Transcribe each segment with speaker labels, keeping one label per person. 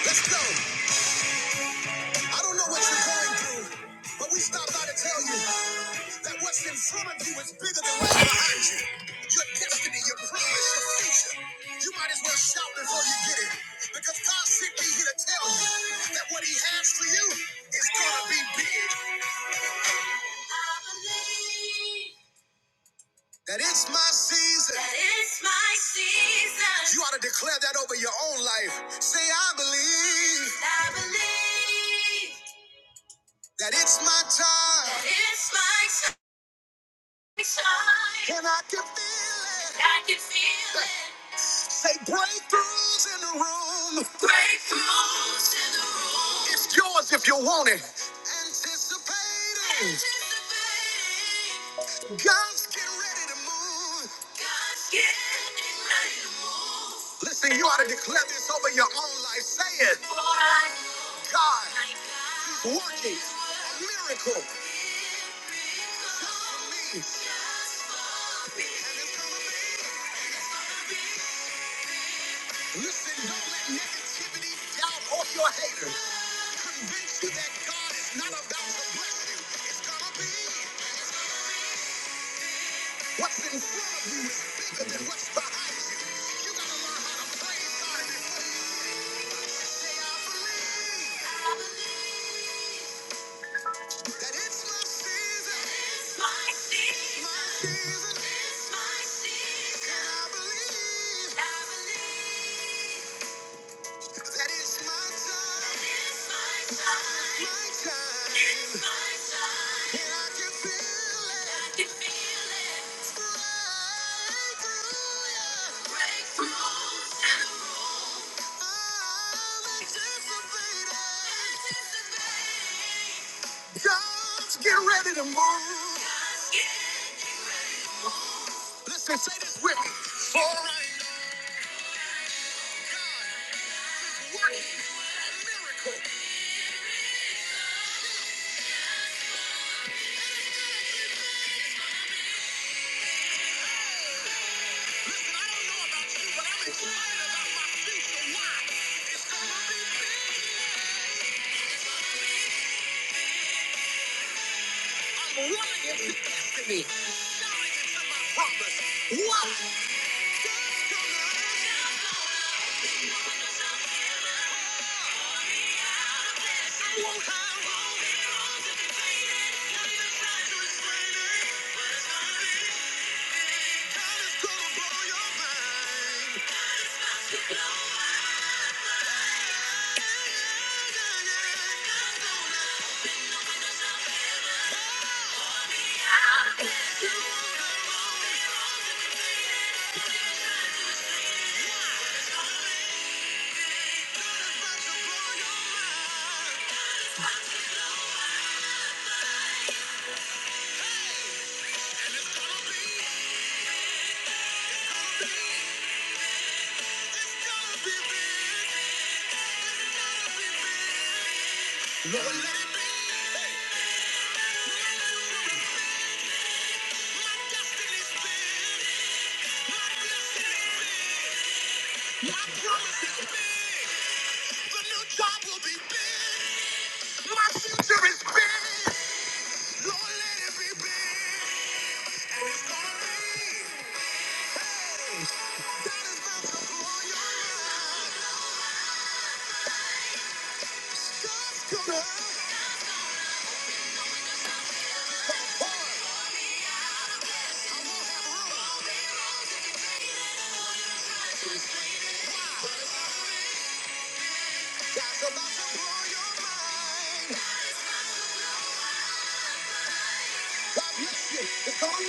Speaker 1: Let's go. I don't know what you're going through, but we stopped by to tell you that what's in front of you is bigger than what's behind you. Your destiny, your promise, your future. You might as well shout before you get it. Because God sent me here to tell you that what he has for you is gonna be big. I believe that it's my season. That it's my season. You ought to declare that over your own life. Say, I believe. I believe. That it's my time. That it's my time. And I can feel it. I can feel it. Say breakthroughs in the room. Breakthroughs in the room. It's yours if you want it. Anticipating. Anticipating. God's getting ready to move. God's getting ready to move. Listen, you ought to declare this over your own life. Say it. For I know God. my God. is Working a miracle Listen, don't let negativity, doubt, or your haters convince you that God is not about to bless you. It's gonna be what's in front of you is bigger than what's behind you. You gotta learn to praise God before you say, I believe. I believe that it's my season. It's my season. It's my season. I believe. I believe. That it's my yeah. God's getting ready to move. God's getting- Listen, say this with me. For a miracle. It's gonna be big. It's gonna be big. Lord, let it be. My destiny's big. My destiny's big. My promise of a new job will be big. My future's big. Lord, let it be big. And it's gonna be. Hey, God is about to blow your mind. God's gonna. God's about to blow your mind. God bless you. It's gonna be.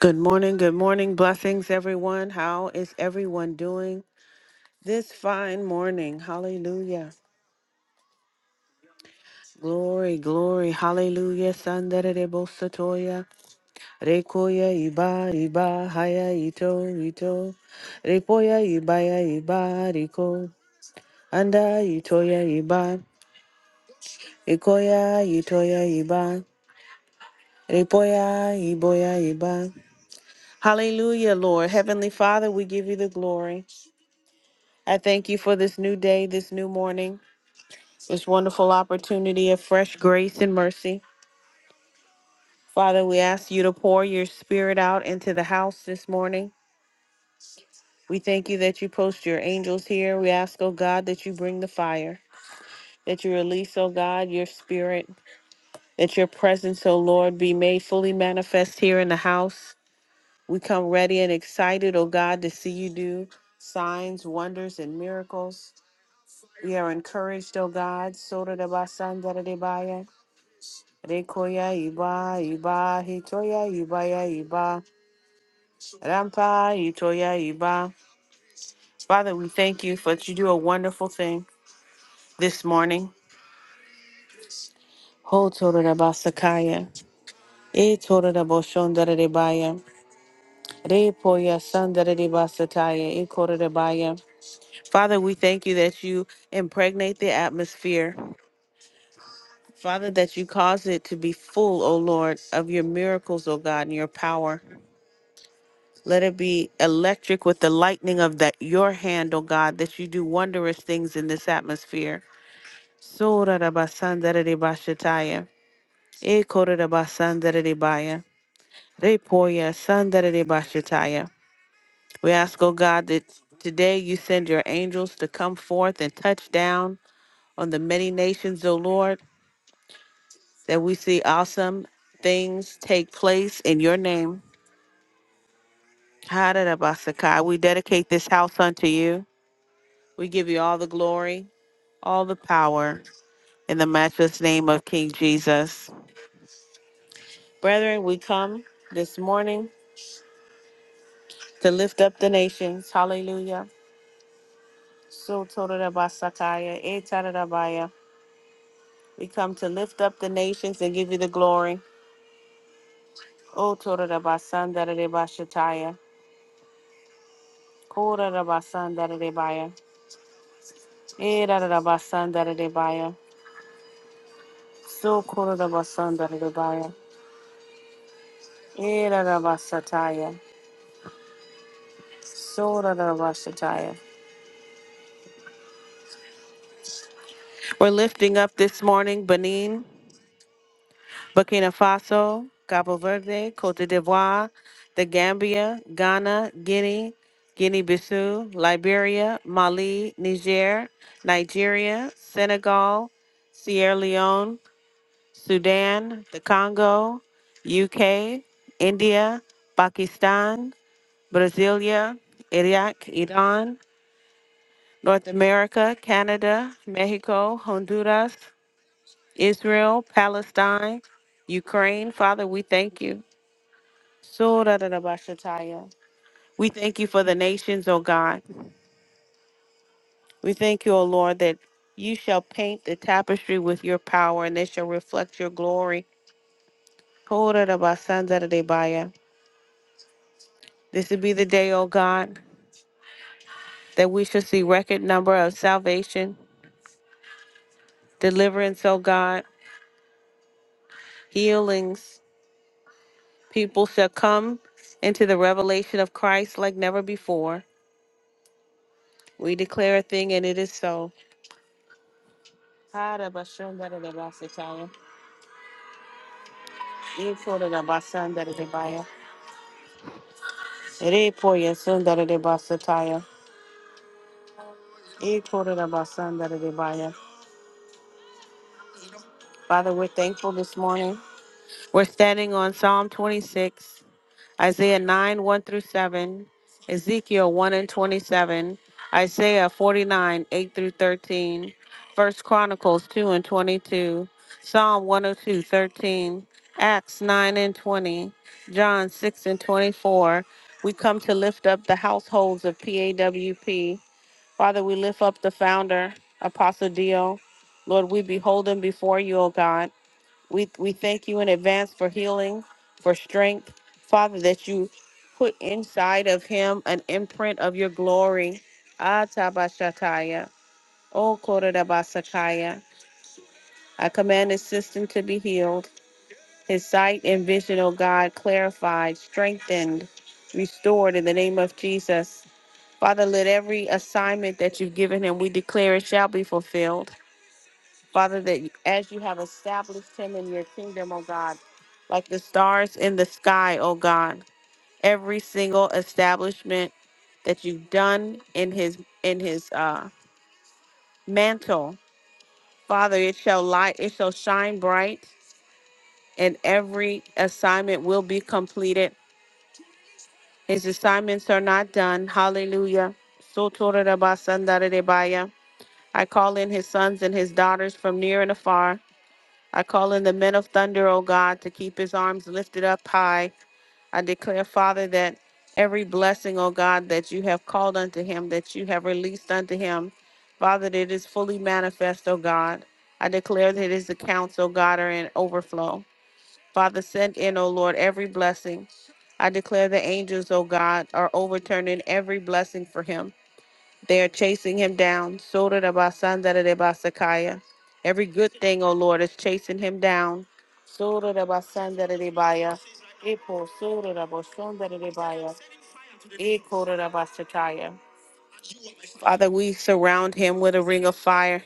Speaker 1: Good morning, good morning. Blessings, everyone. How is everyone doing? This fine morning, hallelujah. Glory, glory, hallelujah. Sandere de bosatoya, rekoya iba, iba, haya ito, ito, repoya ibaya iba, riko, anda itoya iba, ikoya itoya iba, repoya iboya iba. Hallelujah, Lord. Heavenly Father, we give you the glory. I thank you for this new day, this new morning, this wonderful opportunity of fresh grace and mercy. Father, we ask you to pour your spirit out into the house this morning. We thank you that you post your angels here. We ask, oh God, that you bring the fire, that you release, oh God, your spirit, that your presence, oh Lord, be made fully manifest here in the house. We come ready and excited, oh God, to see you do signs, wonders, and miracles. We are encouraged, oh God. Sora de basan dara de baya. Rekoya iba iba hitoya ibaya iba. Rampa, Itoya, Iba. Father, we thank you for that you do a wonderful thing this morning. Ho torada basakaya, e torada boshondara debaya, re poya sandara debasataya, e korada baya. Father, we thank you that you impregnate the atmosphere. Father, that you cause it to be full, O Lord, of your miracles, O God, and your power. Let it be electric with the lightning of that your hand, O God, that you do wondrous things in this atmosphere. Sorarabasandari Bashataya. E Korarabasandari Baya. Repoya Sandari Bashataya. We ask, O God, that today you send your angels to come forth and touch down on the many nations, O Lord, that we see awesome things take place in your name. Hararabasakai. We dedicate this house unto you. We give you all the glory, all the power, in the matchless name of King Jesus. Brethren, we come this morning to lift up the nations. Hallelujah. So Torabasakaya, Etarabaya. We come to lift up the nations and give you the glory. O Torabasandarebashataya. Korabasandarebaya. Erarabasandarebaya. So Korabasandarebaya. Erarabasataya. So Rabashataya. We're lifting up this morning, Benin. Burkina Faso, Cabo Verde, Cote d'Ivoire, The Gambia, Ghana, Guinea, Guinea Bissau, Liberia, Mali, Niger, Nigeria, Senegal, Sierra Leone, Sudan, the Congo, UK, India, Pakistan, Brasilia, Iraq, Iran, North America, Canada, Mexico, Honduras, Israel, Palestine, Ukraine. Father, we thank you. So da da ba shataya. We thank you for the nations, O God. We thank you, O Lord, that you shall paint the tapestry with your power and they shall reflect your glory. Ho da da ba san da da de ba This will be the day, O God, that we shall see record number of salvation, deliverance, O God, healings. People shall come into the revelation of Christ like never before. We declare a thing and it is so. Ha da ba shun da da da ba shataya. E quarter the basan that they buy. Re poya soon that they basataya. E quarter the basan that they buy. Father, we're thankful this morning. We're standing on Psalm 26. Isaiah 9 1 through 7, Ezekiel 1 and 27, Isaiah 49 8 through 13, First Chronicles 2 and 22, Psalm 102 13, Acts 9 and 20, John 6 and 24. We come to lift up the households of PAWP. Father, we lift up the founder, Apostle Dio. Lord, we behold him before you, O God. We we thank you in advance for healing, for strength, Father, that you put inside of him an imprint of your glory. Atabashataya. O Korodabasakaya. I command his system to be healed, his sight and vision, O God, clarified, strengthened, restored in the name of Jesus. Father, let every assignment that you've given him, we declare it shall be fulfilled. Father, that you- as you have established him in your kingdom, oh God, like the stars in the sky, oh God, every single establishment that you've done in his in his uh mantle, Father, it shall light, it shall shine bright, and every assignment will be completed. His assignments are not done. Hallelujah. Sotorabasandararebaya. I call in his sons and his daughters from near and afar I call in the men of thunder, O God, to keep his arms lifted up high. I declare, Father, that every blessing, O God, that you have called unto him, that you have released unto him, Father, that it is fully manifest, O God. I declare that his accounts, O God, are in overflow. Father, send in, O Lord, every blessing. I declare the angels, O God, are overturning every blessing for him. They are chasing him down. Soda Every good thing, O Lord, is chasing him down. Soda Epo soda da Father, we surround him with a ring of fire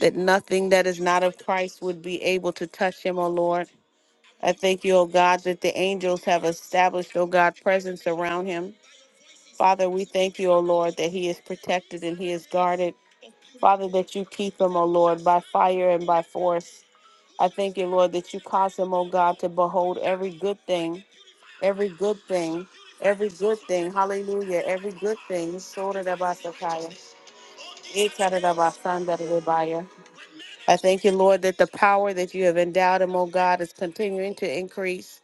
Speaker 1: that nothing that is not of Christ would be able to touch him, O Lord. I thank you, O God, that the angels have established, O God, presence around him. Father, we thank you, O Lord, that he is protected and he is guarded. Father, that you keep him, O Lord, by fire and by force. I thank you, Lord, that you cause him, O God, to behold every good thing, every good thing, every good thing. Hallelujah. Every good thing. Sotarabasakaya, Itarabasandarebaya. I thank you, Lord, that the power that you have endowed him, O God, is continuing to increase.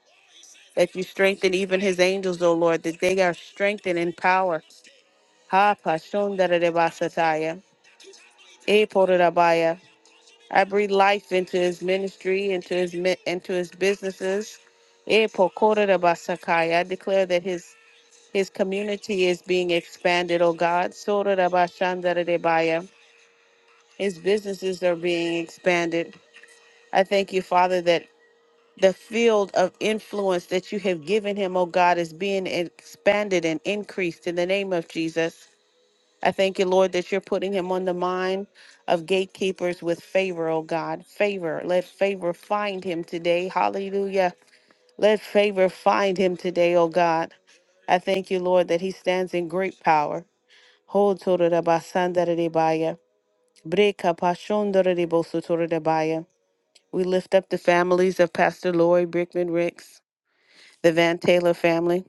Speaker 1: That you strengthen even his angels, O Lord, that they are strengthened in power. Ha Pashondarebasataya, Eporabaya. I breathe life into his ministry, into his mi- into his businesses. Eh, pokora da basakai. I declare that his his community is being expanded, oh God. Sora da bashanda da debaya. His businesses are being expanded. I thank you, Father, that the field of influence that you have given him, oh God, is being expanded and increased in the name of Jesus. I thank you, Lord, that you're putting him on the mind of gatekeepers with favor, oh God. Favor. Let favor find him today. Hallelujah. Let favor find him today, oh God. I thank you, Lord, that he stands in great power. Ho torabasandaradibaya. Breka pashondaradibosotoradibaya. We lift up the families of Pastor Lori Brickman Ricks, the Van Taylor family.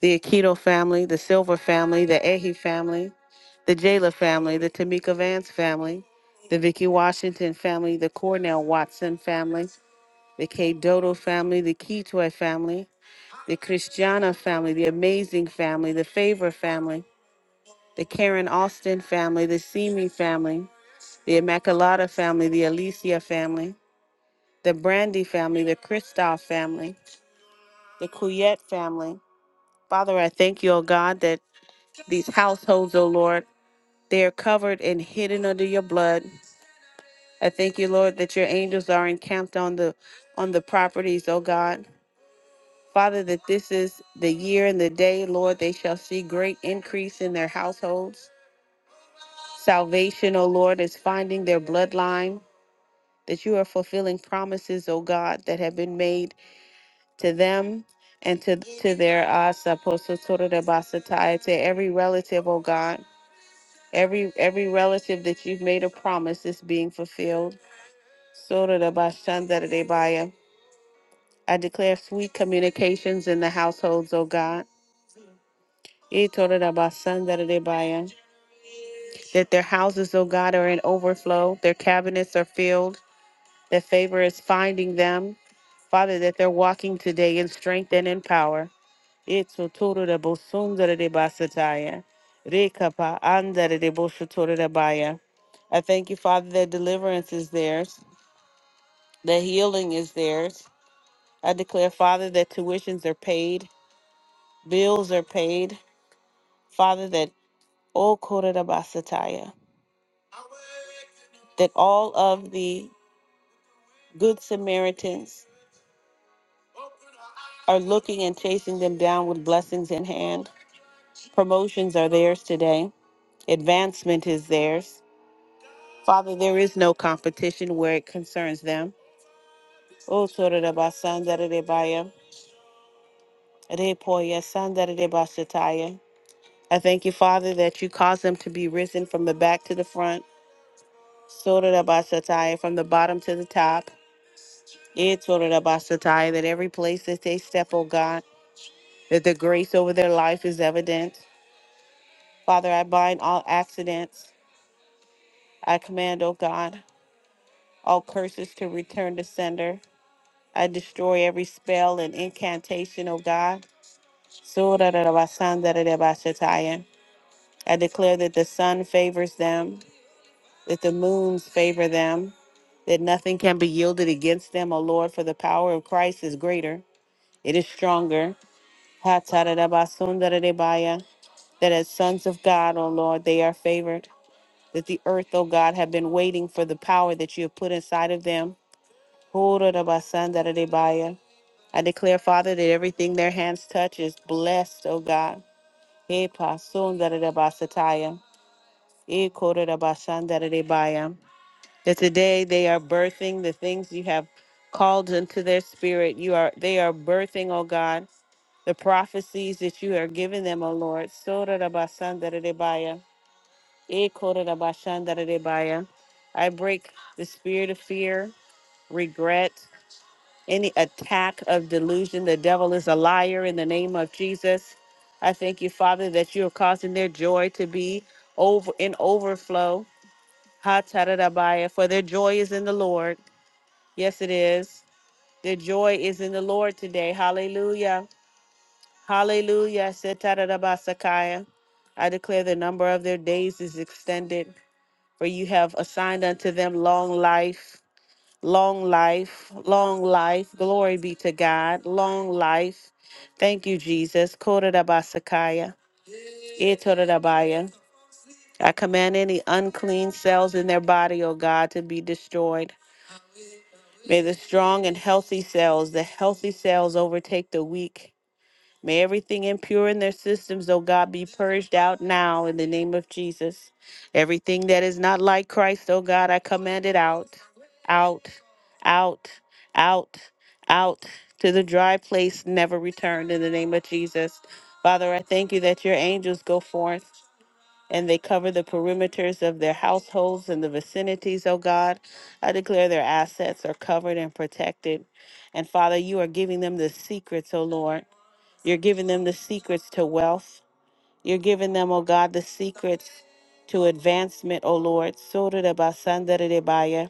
Speaker 1: the Aikido family, the Silver family, the Ehi family, the Jayla family, the Tamika Vance family, the Vicky Washington family, the Cornell Watson family, the K Dodo family, the Keytoy family, the Christiana family, the Amazing family, the Favor family, the Karen Austin family, the Simi family, the Immaculata family, the Alicia family, the Brandy family, the Kristoff family, the Couillette family. Father, I thank you, O God, that these households, O Lord. They are covered and hidden under your blood. I thank you, Lord, that your angels are encamped on the on the properties, O God. Father, that this is the year and the day, Lord, they shall see great increase in their households. Salvation, O Lord, is finding their bloodline, that you are fulfilling promises, O God, that have been made to them and to, to their uh, saposo toro de basatai, to every relative, O God. Every every relative that you've made a promise is being fulfilled. Sotorabashandaradebaya. I declare sweet communications in the households, O God. Itorabasandaradebaya. That their houses, O God, are in overflow, their cabinets are filled, that favor is finding them. Father, that they're walking today in strength and in power. Eto toro de bosundere de basataya. Rekapa andere de boshotore de baya. I thank you, Father, that deliverance is theirs, that healing is theirs. I declare, Father, that tuitions are paid, bills are paid. Father, that all kore de basataya, that all of the good Samaritans are looking and chasing them down with blessings in hand. Promotions are theirs today. Advancement is theirs. Father, there is no competition where it concerns them. O Sotodabasandaradebaya, Repoya Sandaradebashataya. I thank you, Father, that you cause them to be risen from the back to the front, Sotodabasataya, from the bottom to the top. Eh, Sotodabasataya, That every place that they step, O God, that the grace over their life is evident. Father, I bind all accidents. I command, O God, all curses to return to sender. I destroy every spell and incantation, O God. Surarabasandarabastataya. I declare that the sun favors them, that the moons favor them, that nothing can be yielded against them, O Lord, for the power of Christ is greater. It is stronger. Hatarabasundaradebaya. That as sons of God, O Lord, they are favored. That the earth, O God, have been waiting for the power that you have put inside of them. Horarabasandaradebaya I declare, Father, that everything their hands touch is blessed, O God. Hey, pasundarabasataya. Hey, kodarabashandarabaya. That today they are birthing the things you have called into their spirit. You are they are birthing, O God, the prophecies that you are giving them, O Lord. Sorarabasandarabaya. Hey, kodarabashandarabaya. I break the spirit of fear, regret any attack of delusion. The devil is a liar in the name of Jesus. I thank you, Father, that you are causing their joy to be over in overflow. Ha ta da da baya, For their joy is in the Lord. Yes, it is. Their joy is in the Lord today. Hallelujah. Hallelujah. Se ta da da ba sa kaya. I declare the number of their days is extended, for you have assigned unto them long life. Long life, long life. Glory be to God. Long life. Thank you, Jesus. Korodabasakaya, Itorodabaya. I command any unclean cells in their body, O God, to be destroyed. May the strong and healthy cells, the healthy cells overtake the weak. May everything impure in their systems, oh God, be purged out now in the name of Jesus. Everything that is not like Christ, oh God, I command it out, out, out, out, out to the dry place, never returned in the name of Jesus. Father, I thank you that your angels go forth and they cover the perimeters of their households and the vicinities, oh God. I declare their assets are covered and protected. And Father, you are giving them the secrets, oh Lord. You're giving them the secrets to wealth. You're giving them, oh God, the secrets to advancement, oh Lord. Sotodabasandaridibaya.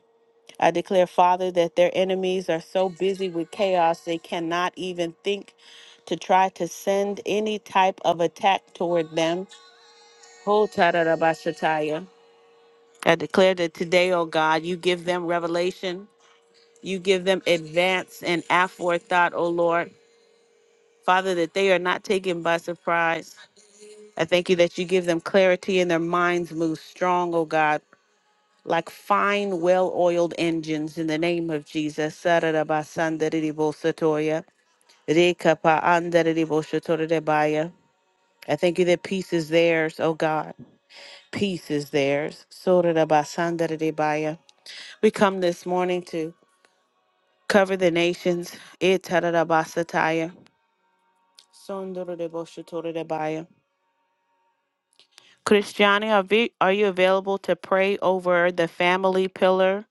Speaker 1: I declare, Father, that their enemies are so busy with chaos they cannot even think to try to send any type of attack toward them. Hotadarabashataya. I declare that today, oh God, you give them revelation. You give them advance and aforethought, oh Lord. Father, that they are not taken by surprise. I thank you that you give them clarity and their minds move strong, oh God, like fine, well oiled engines in the name of Jesus. Sararabasandaridibosotoya, rekapaandaridiboshotoredebaya. I thank you that peace is theirs, oh God. Peace is theirs. Sorarabasandaridibaya. We come this morning to cover the nations. Itararabasataya, sondorodeboshotoredebaya. Christiane, are, vi- are you available to pray over the family pillar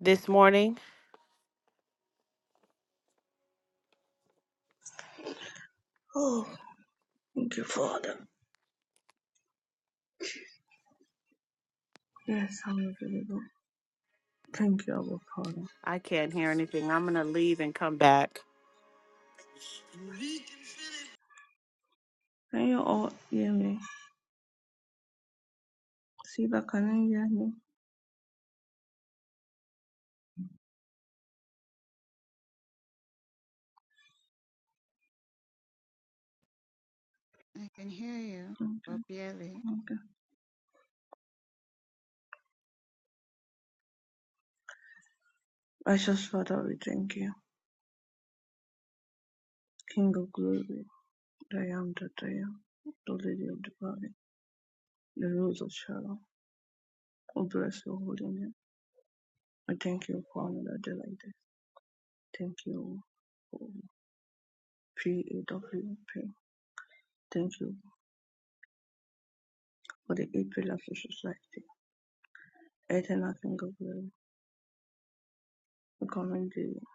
Speaker 1: this morning?
Speaker 2: Oh, thank you, Father. Yes, I'm available. Thank you, our Father.
Speaker 1: I can't hear anything. I'm going to leave and come back.
Speaker 2: Can you all hear me? Siba, can you hear me?
Speaker 3: I can hear you, but
Speaker 2: Okay,
Speaker 3: barely.
Speaker 2: okay. Righteous Father, we thank you. King of glory, I am that I am, the Lily of the Valley, the Rose of Sharon. Oh, bless your holy name. I thank you for another day like this. Thank you for PAWP. Thank you for the eight pillars of society. Eternal King of glory, we commend the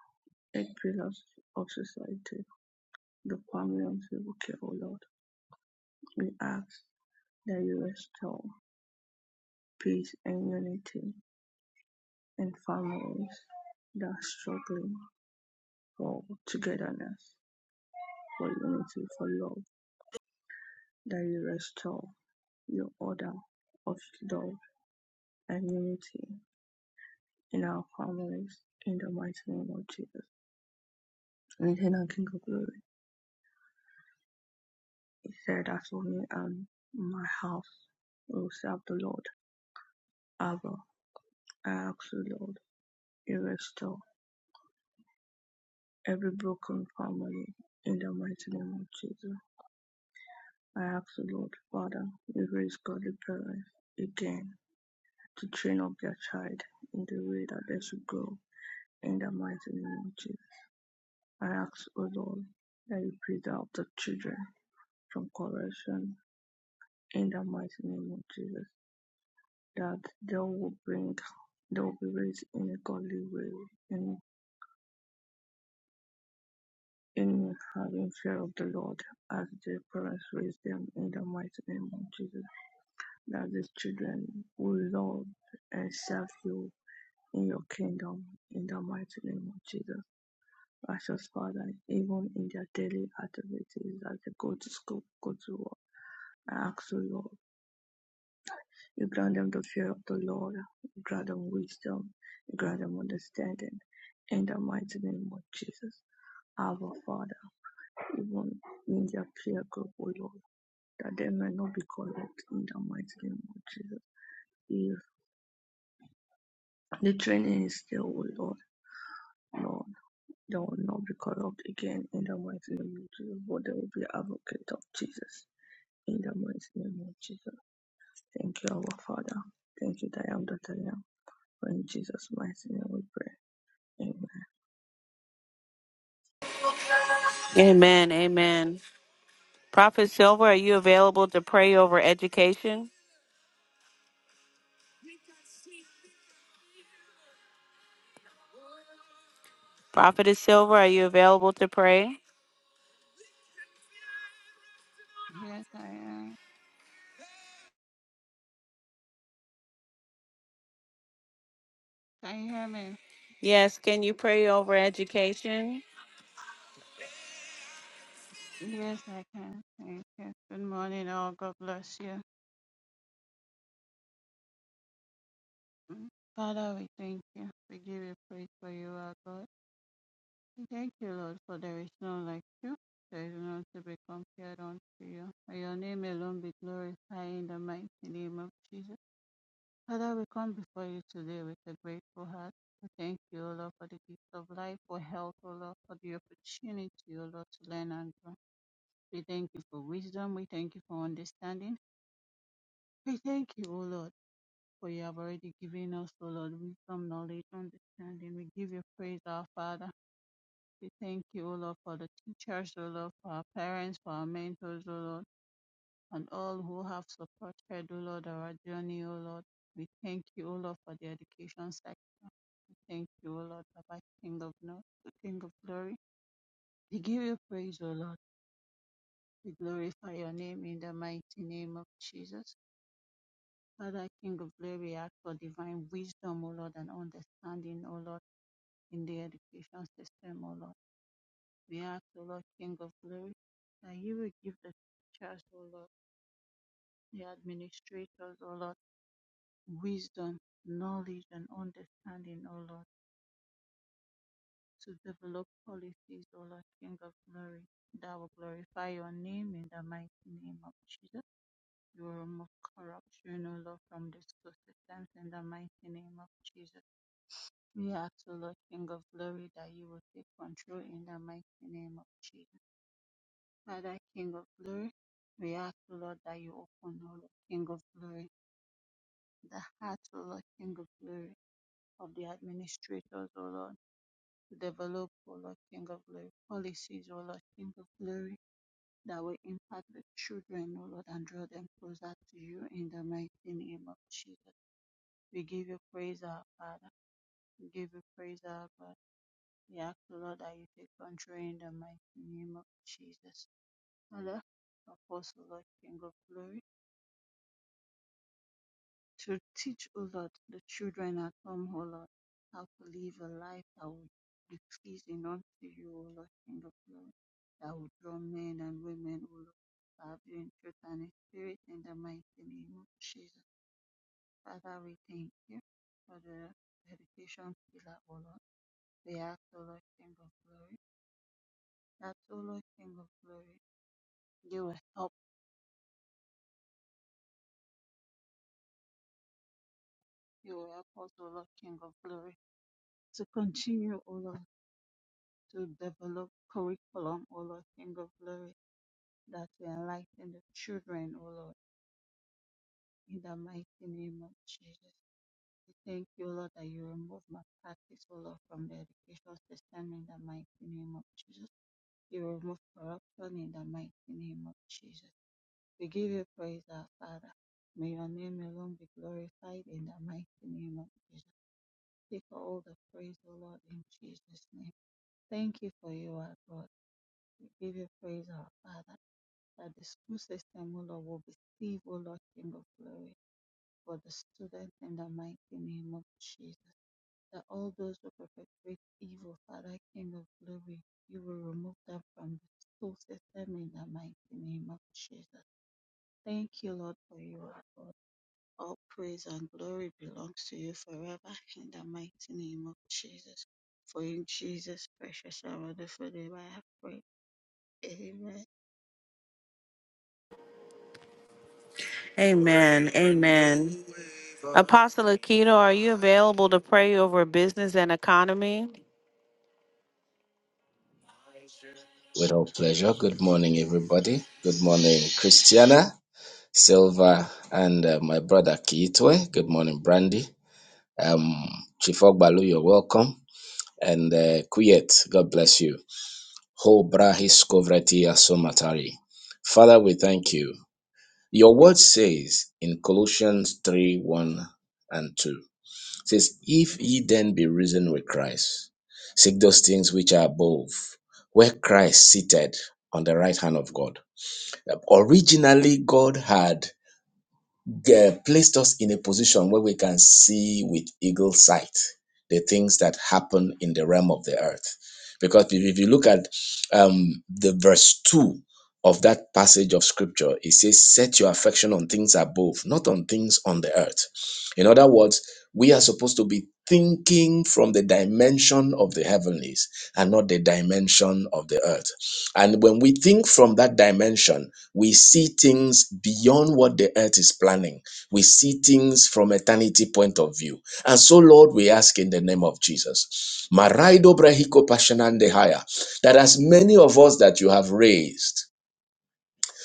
Speaker 2: eight pillars of society the family of Zebuki, O Lord. We ask that you restore peace and unity in families that are struggling for togetherness, for unity, for love, that you restore your order of love and unity in our families in the mighty name of Jesus. And then King of Glory, he said, As for me and my house, we will serve the Lord. Abba, I ask you, Lord, you restore every broken family in the mighty name of Jesus. I ask the Lord, Father, you raise godly parents again to train up their child in the way that they should go in the mighty name of Jesus. I ask, O Lord, that you preserve the children from corruption in the mighty name of Jesus, that they will bring, they will be raised in a godly way and in having fear of the Lord as their parents raise them in the mighty name of Jesus. that the children will love and serve you in your kingdom in the mighty name of Jesus. Precious Father, even in their daily activities as they go to school, go to work, I ask you, Lord, you grant them the fear of the Lord, you grant them wisdom, you grant them understanding in the mighty name of Jesus. Our Father, even in their prayer group, O Lord, that they may not be corrupt in the mighty name of Jesus. If the training is still, O Lord. Lord, they will not be corrupt again in the mighty name of Jesus, but they will be advocate of Jesus in the mighty name of Jesus. Thank you, our Father. Thank you, that I am that I am. For in Jesus' mighty name we pray. Amen.
Speaker 1: Amen. Amen. Prophet Silver, are you available to pray over education? Prophetess Silver, are you available to pray?
Speaker 3: Yes, I am. Can you hear me?
Speaker 1: Yes, can you pray over education?
Speaker 3: Yes, I can. Thank you. Good morning, all. God bless you. Mm. Father, we thank you. We give you praise for you, our God. We thank you, Lord, for there is none like you. There is none to be compared unto you. May your name alone be glorified in the mighty name of Jesus. Father, we come before you today with a grateful heart. We thank you, O Lord, for the gift of life, for health, O Lord, for the opportunity, O Lord, to learn and grow. We thank you for wisdom. We thank you for understanding. We thank you, O Lord, for you have already given us, O Lord, wisdom, knowledge, understanding. We give you praise, our Father. We thank you, O Lord, for the teachers, O Lord, for our parents, for our mentors, O Lord, and all who have supported, O Lord, our journey, O Lord. We thank you, O Lord, for the education sector. We thank you, O Lord, Baba, King of North, King of Glory. We give you praise, O Lord. We glorify your name in the mighty name of Jesus. Father, King of glory, ask for divine wisdom, O Lord, and understanding, O Lord, in the education system, O Lord. We ask, O Lord, King of glory, that you will give the teachers, O Lord, the administrators, O Lord, wisdom, knowledge, and understanding, O Lord, to develop policies, O Lord, King of glory, that will glorify your name in the mighty name of Jesus. You will remove corruption, O Lord, from the school systems in the mighty name of Jesus. We ask, O Lord, King of glory, that you will take control in the mighty name of Jesus. Father, King of glory, we ask, O Lord, that you open, O Lord, King of glory, the heart, O Lord, King of glory, of the administrators, O Lord, to develop, O Lord, King of glory, policies, O Lord, King of glory, that will impact the children, O Lord, and draw them closer to you in the mighty name of Jesus. We give you praise, our Father. We give you praise, our Father. We ask, O Lord, that you take control in the mighty name of Jesus. Father, Apostle, Lord, King of glory, to teach, O Lord, the children at home, O Lord, how to live a life that will be pleasing unto you, O Lord, King of glory, that will draw men and women, O Lord, that have you in truth and in spirit in the mighty name of Jesus. Father, we thank you for the dedication pillar, O Lord. We ask, O Lord, King of glory, that, O Lord, King of glory, You will help, you will help us, O Lord, King of Glory, to continue, O Lord, to develop curriculum, O Lord, King of Glory, that will enlighten the children, O Lord, in the mighty name of Jesus. We thank you, Lord, that you remove malpractice, O Lord, from the education system in the mighty name of Jesus. You remove corruption in the mighty name of Jesus. We give you praise, our Father. May your name alone be glorified in the mighty name of Jesus. you for all the praise, O Lord, in Jesus' name. Thank you for you, our God. We give you praise, our Father, that the school system, O Lord, will be saved, O Lord, King of glory, for the students in the mighty name of Jesus. That all those who perpetrate evil, Father, King of glory, you will remove them from the school system in the mighty name of Jesus. Thank you, Lord, for you, our God. All praise and glory belongs to you forever in the mighty name of Jesus. For in Jesus' precious and wonderful name I have prayed. Amen.
Speaker 1: Amen. Amen. Apostle Akito, are you available to pray over business and economy?
Speaker 4: Without pleasure. Good morning, everybody. Good morning, Christiana, Silva, and uh, my brother Kiitwe. Good morning, Brandy. Um, Chief Ogbalu, you're welcome. And uh, Kuyet, God bless you. Ho brahis kovreti asomatari. Father, we thank you. Your word says in Colossians 3 1 and 2, it says, If ye then be risen with Christ, seek those things which are above, where Christ seated on the right hand of God. Yep. Originally, God had uh, placed us in a position where we can see with eagle sight the things that happen in the realm of the earth. Because if if you look at um, the verse 2 of that passage of scripture, it says, Set your affection on things above, not on things on the earth. In other words, we are supposed to be thinking from the dimension of the heavenlies and not the dimension of the earth. And when we think from that dimension, we see things beyond what the earth is planning. We see things from eternity point of view. And so, Lord, we ask in the name of Jesus, Maraido Brahiko Pashanandehaya, that as many of us that you have raised,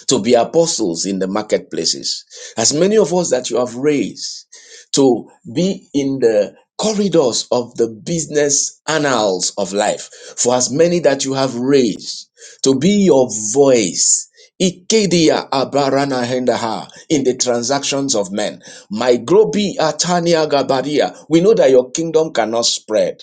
Speaker 4: to be apostles in the marketplaces. As many of us that you have raised to be in the corridors of the business annals of life, for as many that you have raised to be your voice. Ikedia abarana hendaha in the transactions of men. My grobi atania gabaria. We know that your kingdom cannot spread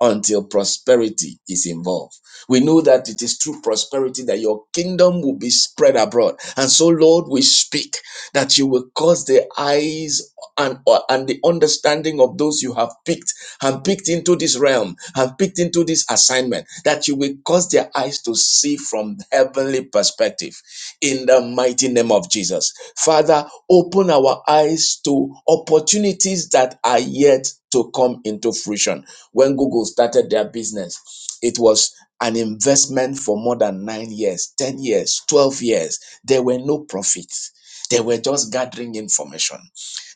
Speaker 4: until prosperity is involved. We know that it is through prosperity that your kingdom will be spread abroad. And so, Lord, we speak that you will cause the eyes and, or- and the understanding of those you have picked and picked into this realm and picked into this assignment, that you will cause their eyes to see from heavenly perspective in the mighty name of Jesus. Father, open our eyes to opportunities that are yet to come into fruition when Google started their business, it was an investment for more than nine years, 10 years, 12 years. There were no profits. They were just gathering information.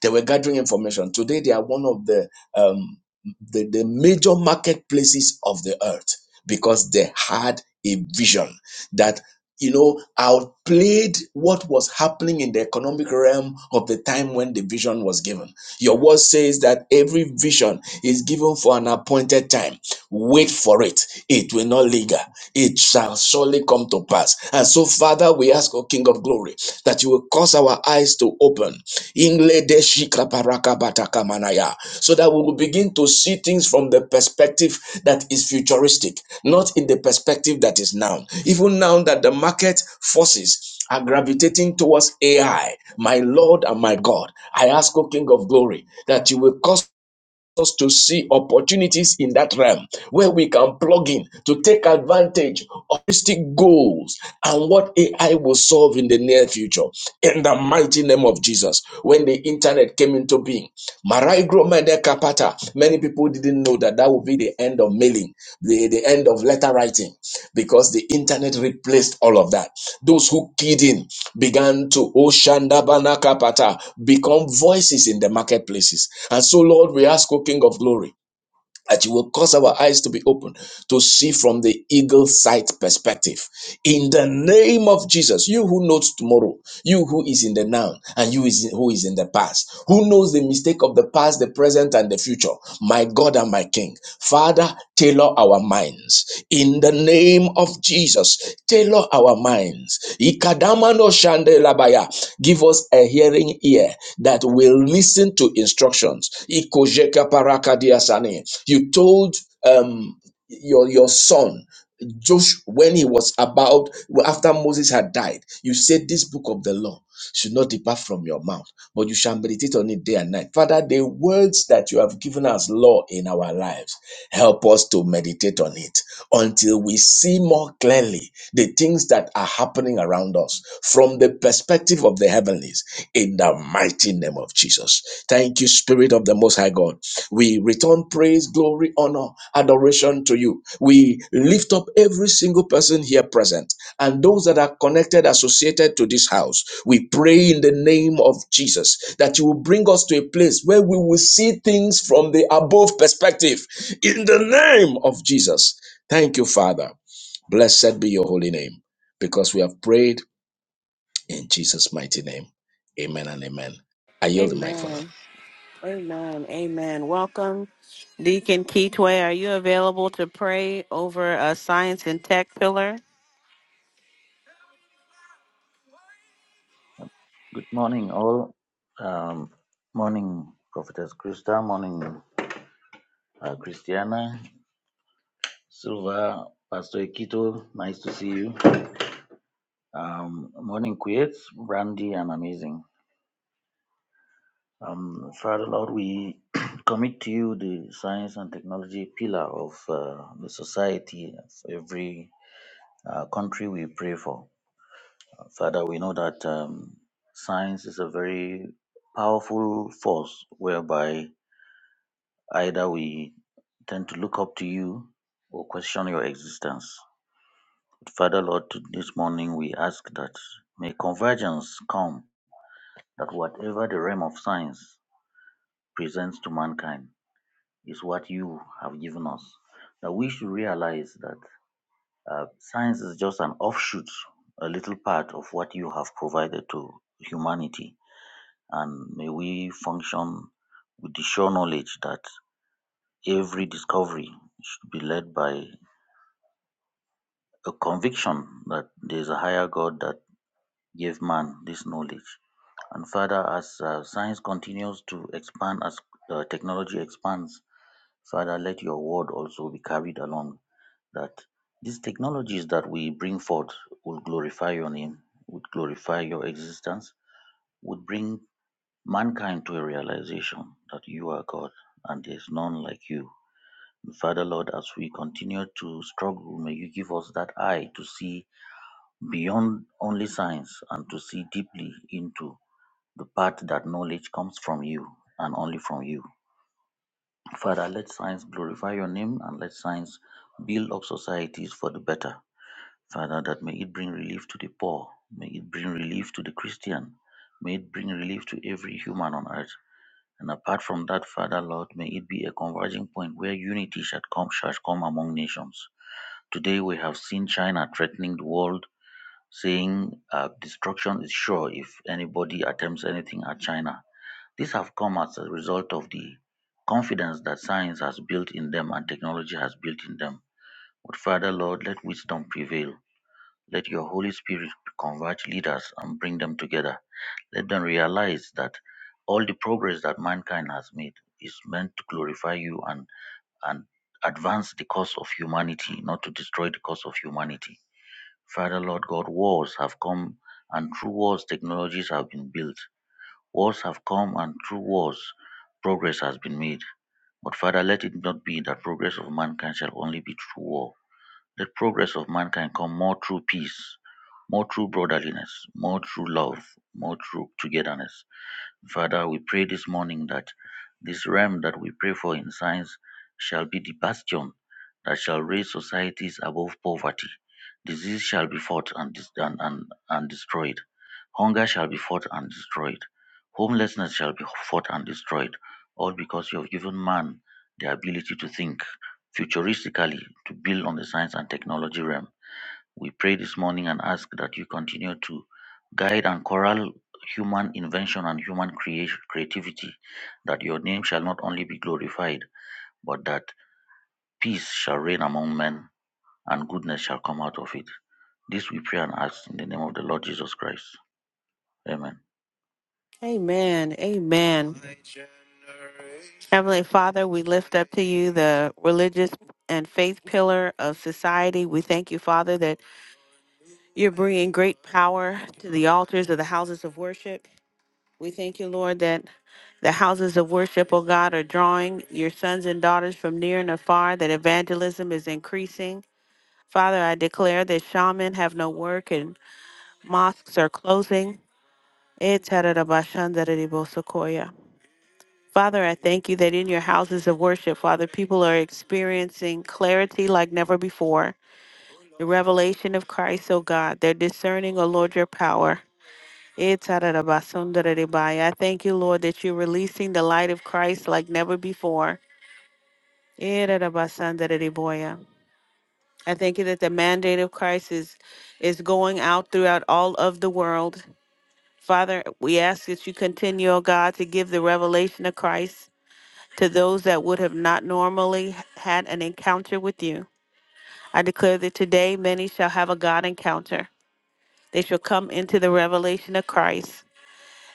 Speaker 4: They were gathering information. Today, they are one of the, um, the, the major marketplaces of the earth because they had a vision that you know, outplayed what was happening in the economic realm of the time when the vision was given. Your word says that every vision is given for an appointed time. Wait for it. It will not linger. It shall surely come to pass. And so, Father, we ask, O King of Glory, that you will cause our eyes to open. Ingle de shikaparakabatakamanaya. So that we will begin to see things from the perspective that is futuristic, not in the perspective that is now. Even now that the market forces are gravitating towards AI, my Lord and my God, I ask, O King of Glory, that you will cause us to see opportunities in that realm where we can plug in to take advantage of holistic goals and what AI will solve in the near future. In the mighty name of Jesus, when the internet came into being, Maraigro Mede Kapata Many people didn't know that that would be the end of mailing, the, the end of letter writing, because the internet replaced all of that. Those who keyed in began to Oshanda Banakapata become voices in the marketplaces. And so, Lord, we ask, O King of Glory that you will cause our eyes to be open to see from the eagle sight perspective. In the name of Jesus, you who knows tomorrow, you who is in the now, and you is who is in the past, who knows the mistake of the past, the present, and the future, my God and my King. Father. Father, tailor our minds. In the name of Jesus, tailor our minds. Ikadamano shandelabaya. Give us a hearing ear that will listen to instructions. Ikojeka parakadiasane. You told um, your, your son, Josh, when he was about, after Moses had died, you said this book of the law should not depart from your mouth, but you shall meditate on it day and night. Father, the words that you have given us law in our lives, help us to meditate on it until we see more clearly the things that are happening around us from the perspective of the heavenlies in the mighty name of Jesus. Thank you, Spirit of the Most High God. We return praise, glory, honor, adoration to you. We lift up every single person here present and those that are connected, associated to this house. We pray in the name of Jesus that you will bring us to a place where we will see things from the above perspective in the name of Jesus. Thank you, Father. Blessed be your holy name because we have prayed in Jesus' mighty name. Amen and amen. I yield the mic for
Speaker 1: Amen.
Speaker 4: now.
Speaker 1: Amen. Amen. Welcome, Deacon Keetway. Are you available to pray over a science and tech pillar?
Speaker 5: Good morning, all. Um, morning, Prophetess Krista. Morning, uh, Christiana, Silva, Pastor Ekito. Nice to see you. Um, morning, Kuyates, Brandy, and Amazing. Um, Father Lord, we commit to you the science and technology pillar of uh, the society of every uh, country we pray for. Father, we know that um, science is a very powerful force whereby Either we tend to look up to you or question your existence. But Father Lord, to- this morning we ask that may convergence come, that whatever the realm of science presents to mankind is what you have given us. That we should realize that uh, science is just an offshoot, a little part of what you have provided to humanity. And may we function with the sure knowledge that every discovery should be led by a conviction that there's a higher God that gave man this knowledge. And Father, as uh, science continues to expand, as uh, technology expands, Father, let your word also be carried along that these technologies that we bring forth will glorify your name, would glorify your existence, would bring mankind to a realization that you are God and there's none like you. Father, Lord, as we continue to struggle, may you give us that eye to see beyond only science and to see deeply into the part that knowledge comes from you and only from you. Father, let science glorify your name and let science build up societies for the better. Father, that may it bring relief to the poor, may it bring relief to the Christian, may it bring relief to every human on earth. And apart from that, Father Lord, may it be a converging point where unity shall come, shall come among nations. Today we have seen China threatening the world saying uh, destruction is sure if anybody attempts anything at China. These have come as a result of the confidence that science has built in them and technology has built in them. But Father, Lord, let wisdom prevail. Let your Holy Spirit convert leaders and bring them together. Let them realize that all the progress that mankind has made is meant to glorify you and, and advance the cause of humanity, not to destroy the cause of humanity. Father Lord God, wars have come and through wars technologies have been built. Wars have come and through wars progress has been made. But Father, let it not be that progress of mankind shall only be through war. Let progress of mankind come more through peace, more through brotherliness, more through love, more through togetherness. Father, we pray this morning that this realm that we pray for in science shall be the bastion that shall raise societies above poverty. Disease shall be fought and, dis- and, and, and destroyed. Hunger shall be fought and destroyed. Homelessness shall be fought and destroyed. All because you have given man the ability to think futuristically, to build on the science and technology realm. We pray this morning and ask that you continue to guide and corral human invention and human creation, creativity, that your name shall not only be glorified, but that peace shall reign among men and goodness shall come out of it. This we pray and ask in the name of the Lord Jesus Christ. Amen.
Speaker 1: Amen. Amen. Heavenly Father, we lift up to you the religious and faith pillar of society. We thank you, Father, that you're bringing great power to the altars of the houses of worship. We thank you, Lord, that the houses of worship, O God, are drawing your sons and daughters from near and afar, that evangelism is increasing. Father, I declare that shaman have no work and mosques are closing. Eh, tararabashandararibosokoya. Father, I thank you that in your houses of worship, Father, people are experiencing clarity like never before. The revelation of Christ, oh God, they're discerning, oh Lord, your power. Eh, tararabasundararibaya. I thank you, Lord, that you're releasing the light of Christ like never before. Eh, rarabasandarariboya. I thank you that the mandate of Christ is, is going out throughout all of the world. Father, we ask that you continue, oh God, to give the revelation of Christ to those that would have not normally had an encounter with you. I declare that today many shall have a God encounter. They shall come into the revelation of Christ.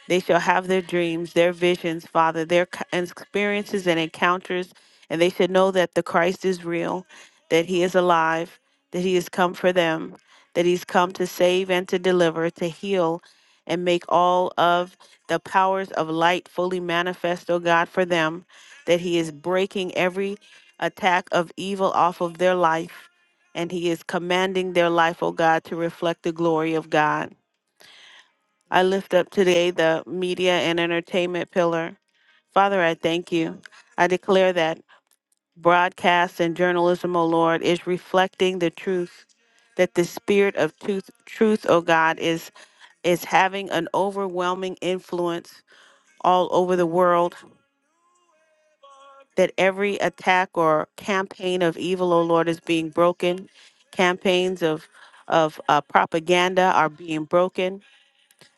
Speaker 1: They shall have their dreams, their visions, Father, their c- and experiences and encounters, and they should know that the Christ is real, that He is alive, that He has come for them, that He's come to save and to deliver, to heal, and make all of the powers of light fully manifest, O God, for them, that He is breaking every attack of evil off of their life, and He is commanding their life, O God, to reflect the glory of God. I lift up today the media and entertainment pillar. Father, I thank you. I declare that broadcast and journalism, O Lord, is reflecting the truth, that the spirit of truth, truth, O God, is is having an overwhelming influence all over the world, that every attack or campaign of evil, O Lord, is being broken. Campaigns of of uh, propaganda are being broken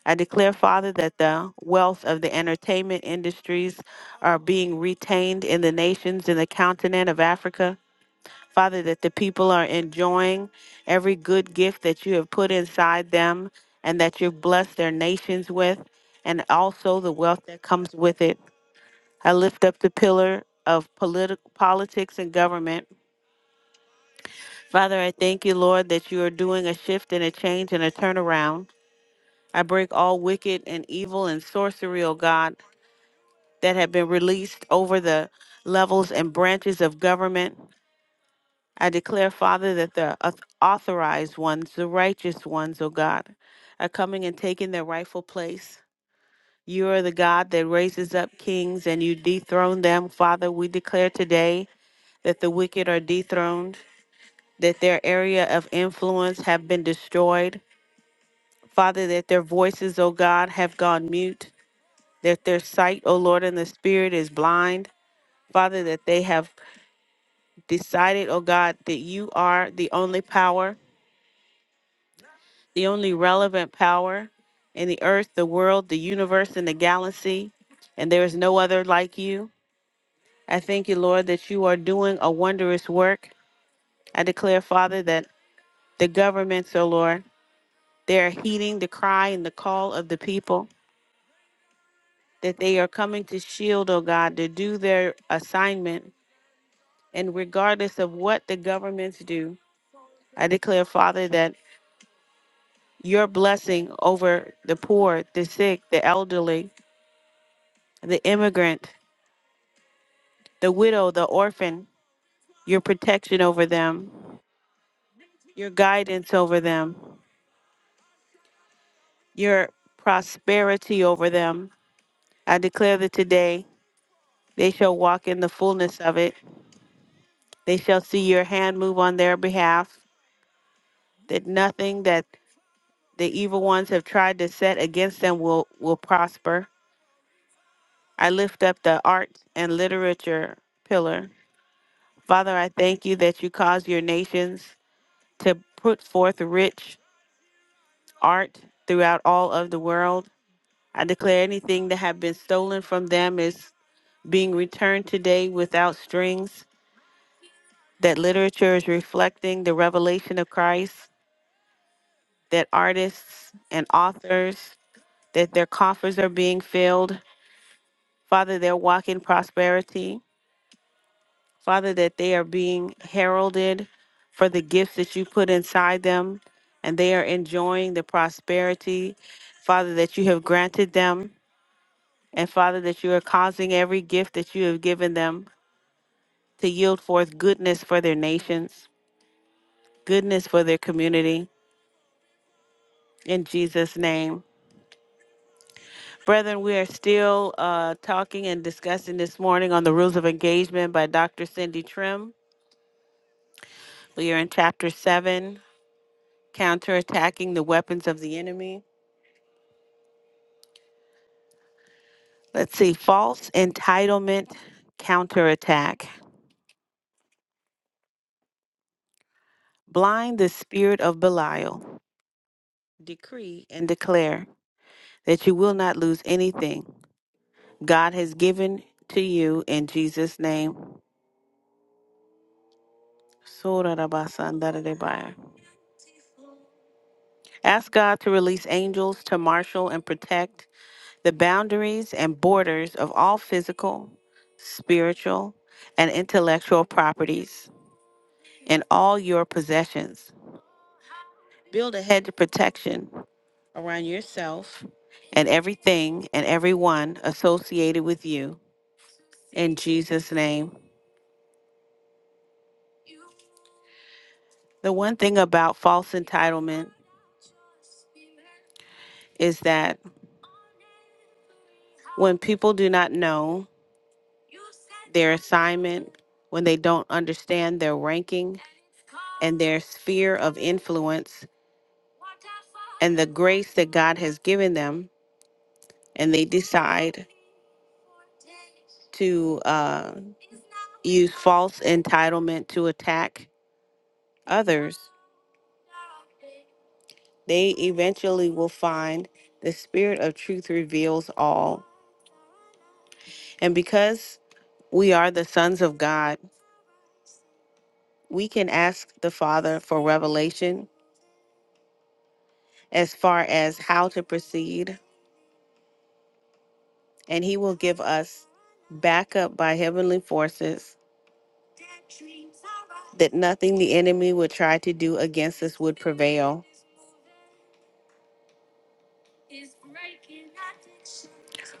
Speaker 1: I declare, Father, that the wealth of the entertainment industries are being retained in the nations in the continent of Africa. Father, that the people are enjoying every good gift that you have put inside them and that you've blessed their nations with, and also the wealth that comes with it. I lift up the pillar of politi- politics and government. Father, I thank you, Lord, that you are doing a shift and a change and a turnaround. I break all wicked and evil and sorcery, O God that have been released over the levels and branches of government. I declare, Father, that the auth- authorized ones, the righteous ones, O God, are coming and taking their rightful place. You are the God that raises up kings and you dethrone them. Father, we declare today that the wicked are dethroned, that their area of influence have been destroyed. Father, that their voices, O God, have gone mute, that their sight, O Lord, in the spirit is blind. Father, that they have decided, oh God, that you are the only power, the only relevant power in the earth, the world, the universe, and the galaxy, and there is no other like you. I thank you, Lord, that you are doing a wondrous work. I declare, Father, that the governments, oh Lord, they are heeding the cry and the call of the people, that they are coming to shield, oh God, to do their assignment. And regardless of what the governments do, I declare, Father, that your blessing over the poor, the sick, the elderly, the immigrant, the widow, the orphan, your protection over them, your guidance over them, your prosperity over them. I declare that today they shall walk in the fullness of it. They shall see your hand move on their behalf, that nothing that the evil ones have tried to set against them will, will prosper. I lift up the art and literature pillar Father, I thank you that you cause your nations to put forth rich art throughout all of the world. I declare anything that have been stolen from them is being returned today without strings, that literature is reflecting the revelation of Christ, that artists and authors, that their coffers are being filled. Father, they're walking prosperity. Father, that they are being heralded for the gifts that you put inside them and they are enjoying the prosperity, Father, that you have granted them. And Father, that you are causing every gift that you have given them to yield forth goodness for their nations, goodness for their community. In Jesus' name. Brethren, we are still uh, talking and discussing this morning on the rules of engagement by Dr. Cindy Trim. We are in chapter 7, counterattacking the weapons of the enemy. Let's see. False entitlement counterattack. Blind the spirit of Belial. Decree and declare that you will not lose anything God has given to you in Jesus' name. Sorarabasandaradebaya. Ask God to release angels to marshal and protect the boundaries and borders of all physical, spiritual, and intellectual properties and all your possessions. Build a hedge of protection around yourself and everything and everyone associated with you in Jesus' name. The one thing about false entitlement is that when people do not know their assignment, when they don't understand their ranking and their sphere of influence and the grace that God has given them, and they decide to uh, use false entitlement to attack others. They eventually will find the spirit of truth reveals all. And because we are the sons of God, we can ask the Father for revelation as far as how to proceed, and He will give us backup by heavenly forces that nothing the enemy would try to do against us would prevail.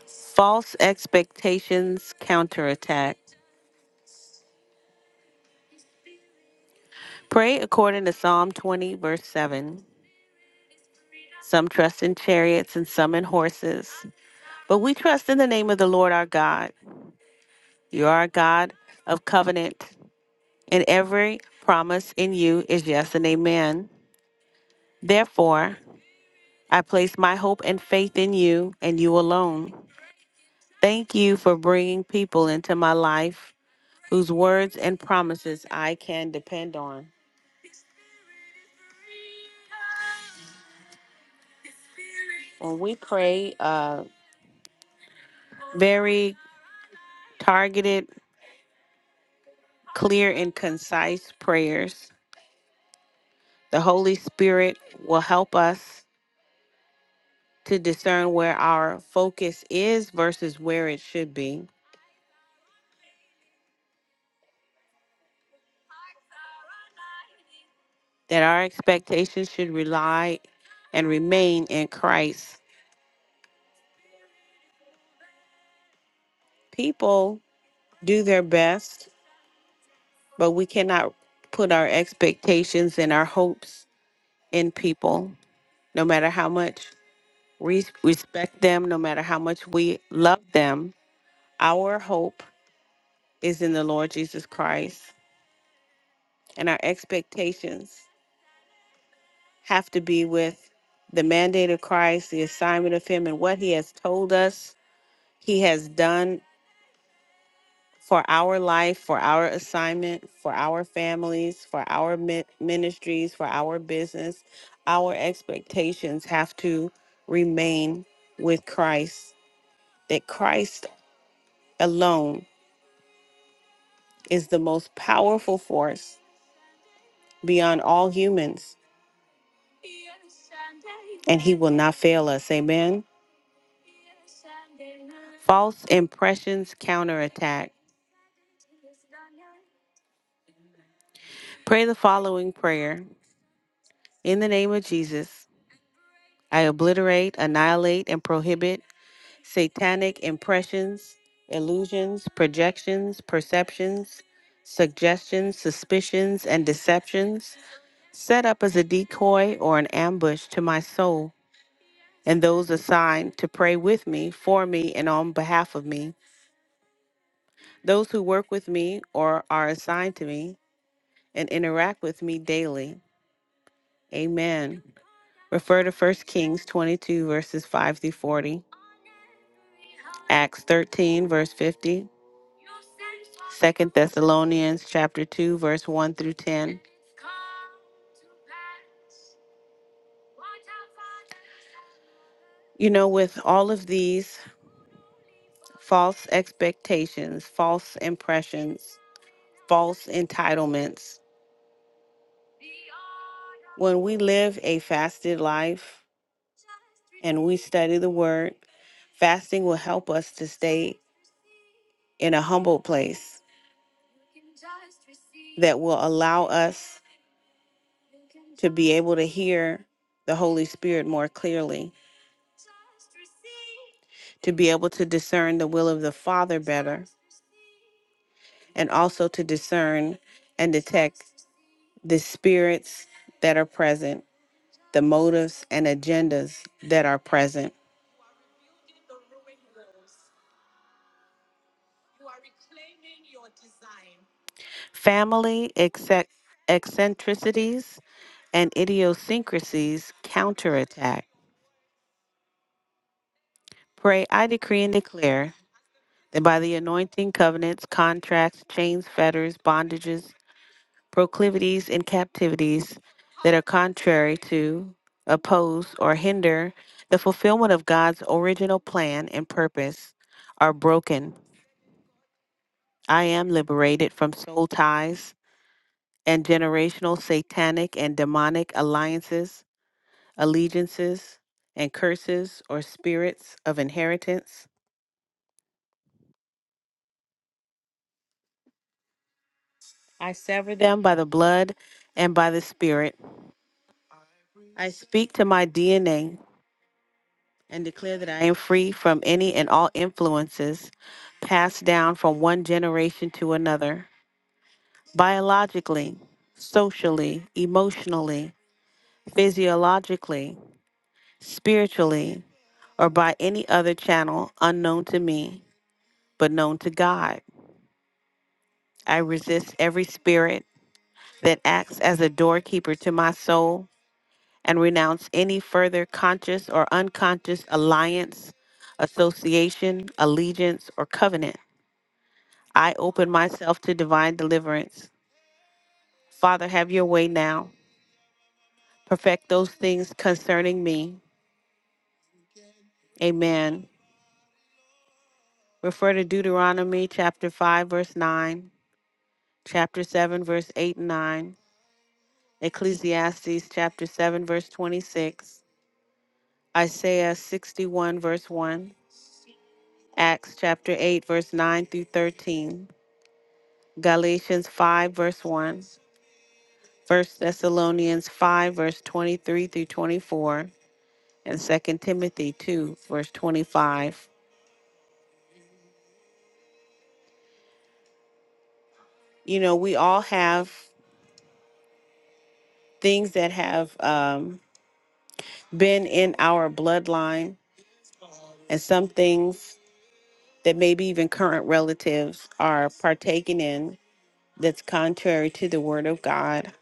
Speaker 1: False expectations counterattack. Pray according to Psalm 20, verse 7. Some trust in chariots and some in horses, but we trust in the name of the Lord our God. You are a God of covenant, and every promise in you is yes and amen. Therefore, I place my hope and faith in you and you alone. Thank you for bringing people into my life whose words and promises I can depend on. When we pray uh, very targeted, clear, and concise prayers, the Holy Spirit will help us to discern where our focus is versus where it should be, that our expectations should rely and remain in Christ. People do their best but we cannot put our expectations and our hopes in people, no matter how much we respect them, no matter how much we love them. Our hope is in the Lord Jesus Christ, and our expectations have to be with the mandate of Christ, the assignment of Him, and what He has told us He has done for our life, for our assignment, for our families, for our mi- ministries, for our business. Our expectations have to remain with Christ, that Christ alone is the most powerful force beyond all humans, and He will not fail us. Amen. False impressions counterattack. Pray the following prayer in the name of Jesus. I obliterate, annihilate, and prohibit satanic impressions, illusions, projections, perceptions, suggestions, suspicions, and deceptions set up as a decoy or an ambush to my soul and those assigned to pray with me, for me, and on behalf of me, those who work with me or are assigned to me and interact with me daily. Amen. Refer to 1 Kings 22, verses 5 through 40. Acts 13, verse 50. 2 Thessalonians chapter 2, verse 1 through 10. You know, with all of these false expectations, false impressions, false entitlements, when we live a fasted life and we study the word, fasting will help us to stay in a humble place that will allow us to be able to hear the Holy Spirit more clearly, to be able to discern the will of the Father better, and also to discern and detect the spirits that are present, the motives and agendas that are present. Family eccentric- eccentricities and idiosyncrasies counterattack. Pray, I decree and declare and by the anointing, covenants, contracts, chains, fetters, bondages, proclivities, and captivities that are contrary to, oppose, or hinder the fulfillment of God's original plan and purpose are broken. I am liberated from soul ties and generational satanic and demonic alliances, allegiances, and curses or spirits of inheritance. I sever them by the blood and by the spirit I speak to my DNA and declare that I am free from any and all influences passed down from one generation to another, biologically, socially, emotionally, physiologically, spiritually, or by any other channel unknown to me, but known to God. I resist every spirit that acts as a doorkeeper to my soul and renounce any further conscious or unconscious alliance, association, allegiance, or covenant. I open myself to divine deliverance. Father, have your way now. Perfect those things concerning me. Amen. Refer to Deuteronomy chapter 5, verse 9, chapter 7, verse 8 and 9, Ecclesiastes chapter 7, verse 26, Isaiah 61, verse 1, Acts chapter 8, verse 9 through 13. Galatians 5, verse one, First Thessalonians 5, verse 23 through 24, and Second Timothy 2, verse 25. You know, we all have things that have um, been in our bloodline, and some things that maybe even current relatives are partaking in that's contrary to the word of God.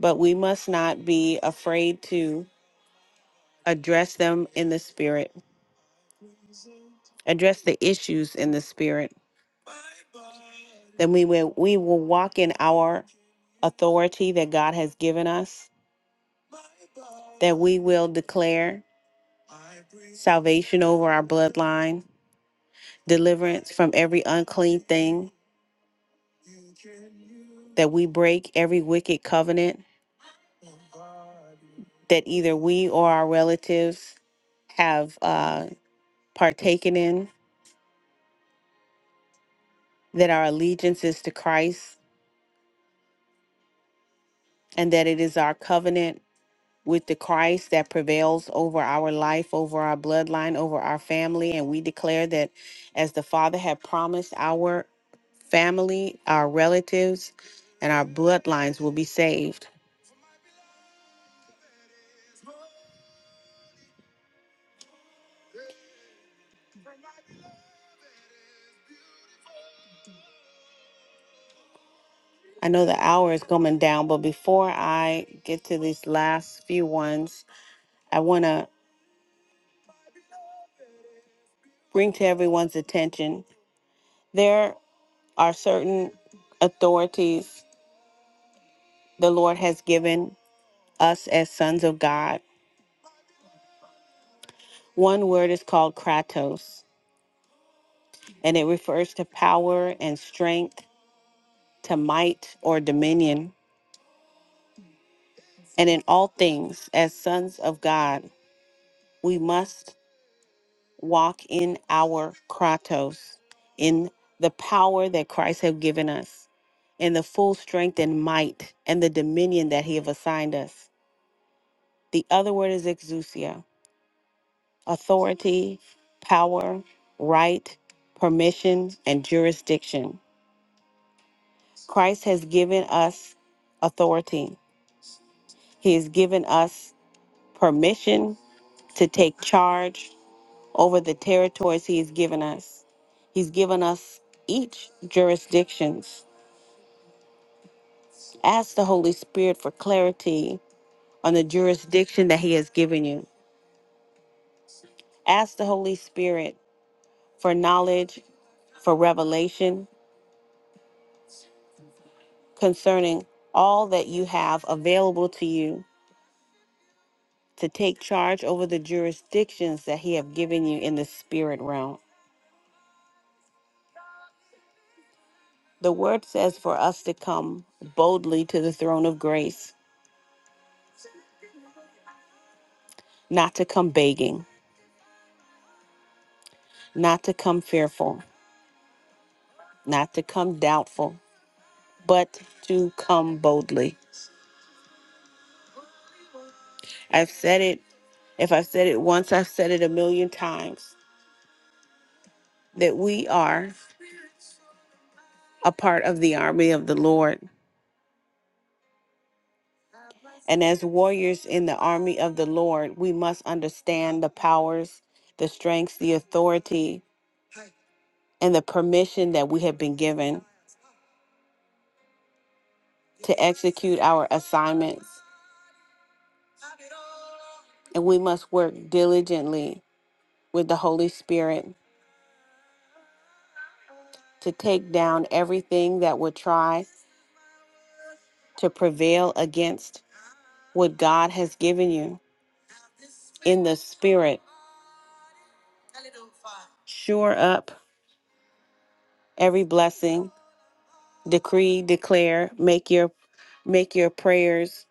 Speaker 1: But we must not be afraid to address them in the spirit, address the issues in the spirit Then we will we will walk in our authority that God has given us, that we will declare salvation over our bloodline, deliverance from every unclean thing, that we break every wicked covenant that either we or our relatives have uh, partaken in, that our allegiance is to Christ, and that it is our covenant with the Christ that prevails over our life, over our bloodline, over our family. And we declare that as the Father had promised, our family, our relatives, and our bloodlines will be saved. I know the hour is coming down, but before I get to these last few ones, I want to bring to everyone's attention there are certain authorities the Lord has given us as sons of God. One word is called kratos and it refers to power and strength, to might or dominion. And in all things, as sons of God, we must walk in our kratos, in the power that Christ has given us, in the full strength and might and the dominion that he have assigned us. The other word is exousia, authority, power, right, permission, and jurisdiction. Christ has given us authority He has given us permission to take charge over the territories he has given us. He's given us each jurisdictions. Ask the Holy Spirit for clarity on the jurisdiction that he has given you. Ask the Holy Spirit for knowledge, for revelation concerning all that you have available to you to take charge over the jurisdictions that he have given you in the spirit realm. The word says for us to come boldly to the throne of grace, not to come begging, not to come fearful, not to come doubtful, but to come boldly. I've said it, if I've said it once, I've said it a million times that we are a part of the army of the Lord. And as warriors in the army of the Lord, we must understand the powers, the strengths, the authority, and the permission that we have been given. to execute our assignments, and we must work diligently with the Holy Spirit to take down everything that would try to prevail against what God has given you in the Spirit. Shore up every blessing, decree, declare, make your make your prayers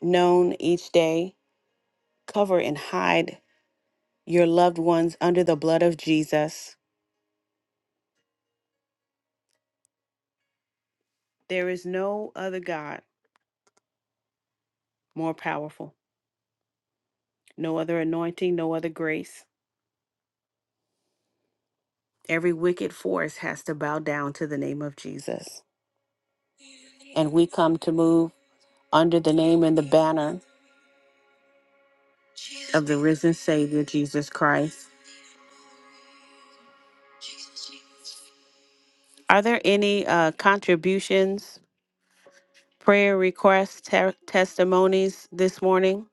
Speaker 1: known each day. Cover and hide your loved ones under the blood of Jesus. There is no other God more powerful. no other anointing, no other grace. Every wicked force has to bow down to the name of Jesus. And we come to move under the name and the banner of the risen Savior, Jesus Christ. Are there any uh, contributions, prayer requests, te- testimonies this morning?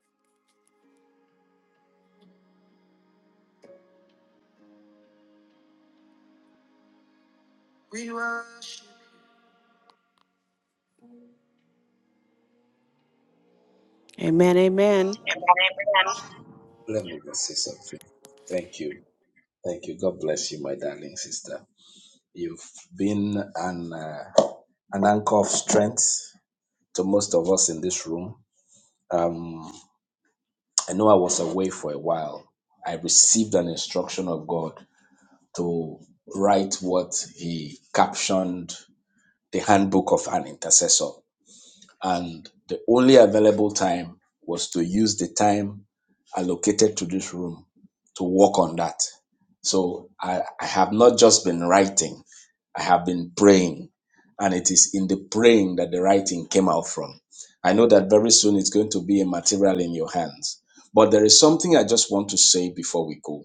Speaker 1: Amen, amen.
Speaker 4: Let me just say something. Thank you. Thank you. God bless you, my darling sister. You've been an uh, an anchor of strength to most of us in this room. Um, I know I was away for a while. I received an instruction of God to write what He captioned the handbook of an intercessor. and the only available time was to use the time allocated to this room to work on that. So I, I have not just been writing, I have been praying. And it is in the praying that the writing came out from. I know that very soon it's going to be a material in your hands. But there is something I just want to say before we go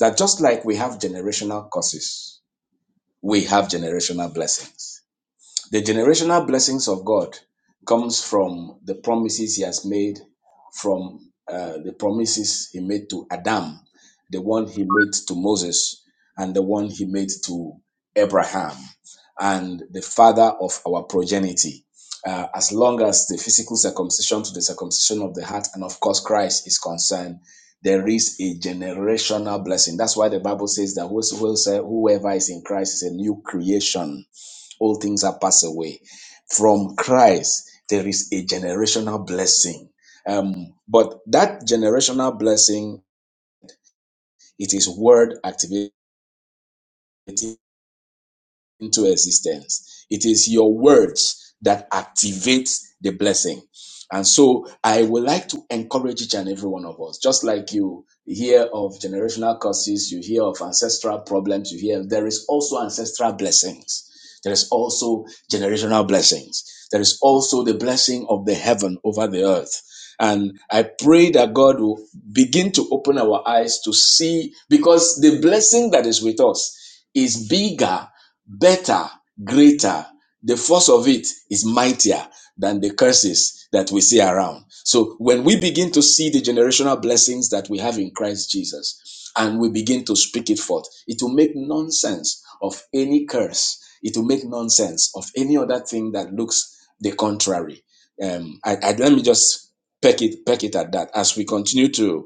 Speaker 4: that just like we have generational curses, we have generational blessings the generational blessings of God comes from the promises he has made from uh, the promises he made to Adam, the one he made to Moses, and the one he made to Abraham, and the father of our progeny. Uh, as long as the physical circumcision to the circumcision of the heart and of course Christ is concerned, there is a generational blessing. That's why the Bible says that whosoever whoever is in Christ is a new creation all things are passed away. From Christ, there is a generational blessing. Um, but that generational blessing, it is word activated into existence. It is your words that activates the blessing. And so I would like to encourage each and every one of us, just like you hear of generational curses, you hear of ancestral problems, you hear there is also ancestral blessings. There is also generational blessings. There is also the blessing of the heaven over the earth. And I pray that God will begin to open our eyes to see because the blessing that is with us is bigger better, greater. The force of it is mightier than the curses that we see around. So when we begin to see the generational blessings that we have in Christ Jesus and we begin to speak it forth, it will make nonsense of any curse. It will make nonsense of any other thing that looks the contrary. Um, I, I, let me just peck it, peck it at that as we continue to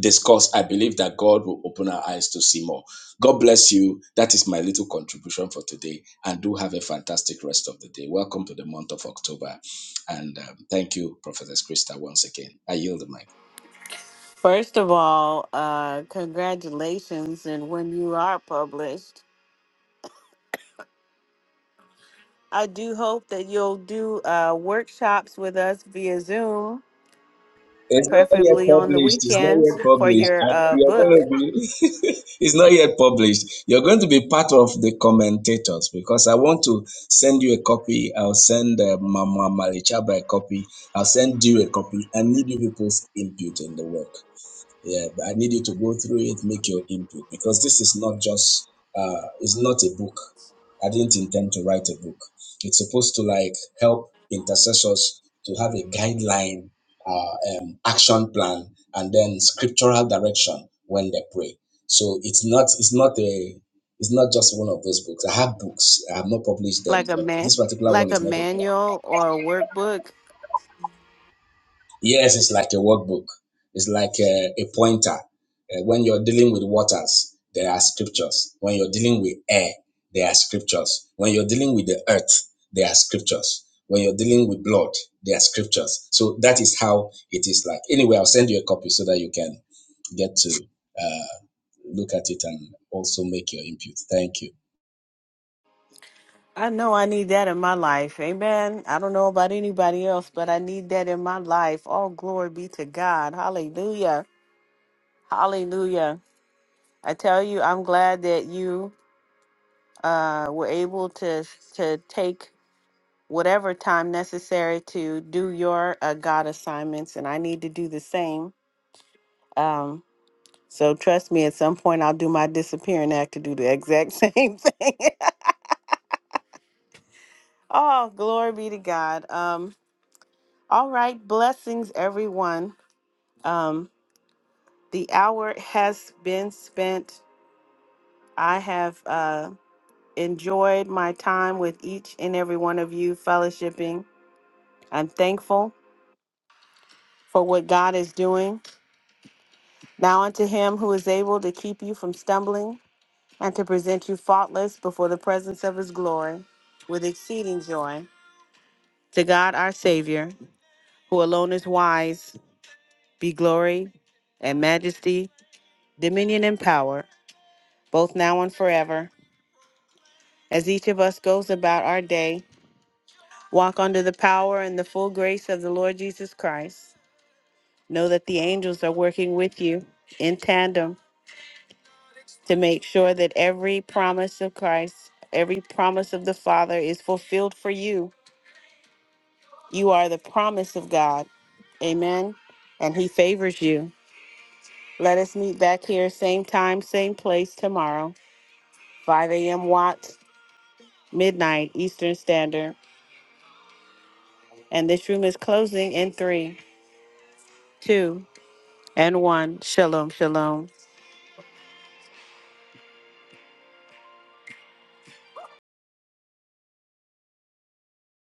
Speaker 4: discuss, I believe that God will open our eyes to see more. God bless you. That is my little contribution for today. And do have a fantastic rest of the day. Welcome to the month of October. And um, thank you, Prophetess Krista, once again. I yield the mic.
Speaker 1: First of all, uh, congratulations. And when you are published, I do hope that you'll do uh, workshops with us via Zoom
Speaker 4: It's not yet
Speaker 1: preferably on the
Speaker 4: published. It's not
Speaker 1: weekends
Speaker 4: yet
Speaker 1: for
Speaker 4: published.
Speaker 1: your
Speaker 4: And
Speaker 1: uh
Speaker 4: You're going
Speaker 1: book
Speaker 4: to be. it's not yet published. You're going to be part of the commentators because I want to send you a copy. I'll send uh, Mama Malichaba a copy. I'll send you a copy. I need you people's input in the work. Yeah, but I need you to go through it, make your input, because this is not just uh, it's not a book. I didn't intend to write a book. It's supposed to like help intercessors to have a guideline, uh, um, action plan, and then scriptural direction when they pray. So it's not it's not a it's not just one of those books. I have books. I have not published them,
Speaker 1: like a
Speaker 4: but this
Speaker 1: man
Speaker 4: particular one
Speaker 1: like a
Speaker 4: is not a book.
Speaker 1: manual or a workbook
Speaker 4: Yes, it's like a workbook. It's like a, a pointer. Uh, when you're dealing with waters, there are scriptures. When you're dealing with air, there are scriptures. When you're dealing with the earth, there are scriptures. When you're dealing with blood, there are scriptures. So that is how it is like. Anyway, I'll send you a copy so that you can get to uh, look at it and also make your input. Thank you.
Speaker 1: i know i need that in my life amen i don't know about anybody else but i need that in my life all glory be to god hallelujah hallelujah i tell you i'm glad that you uh were able to to take whatever time necessary to do your uh, god assignments and i need to do the same Um. So trust me, at some point I'll do my disappearing act to do the exact same thing. oh, glory be to God. Um, all right, blessings everyone. Um, the hour has been spent. I have uh enjoyed my time with each and every one of you fellowshipping. I'm thankful for what God is doing. Now unto him who is able to keep you from stumbling and to present you faultless before the presence of his glory with exceeding joy. To God our Savior, who alone is wise, be glory and majesty, dominion and power, both now and forever. As each of us goes about our day, walk under the power and the full grace of the Lord Jesus Christ. Know that the angels are working with you in tandem to make sure that every promise of Christ, every promise of the Father is fulfilled for you. You are the promise of God. Amen. And He favors you. Let us meet back here, same time, same place tomorrow, 5 a.m. Watt, midnight Eastern Standard. And this room is closing in three, two, and one. Shalom, shalom.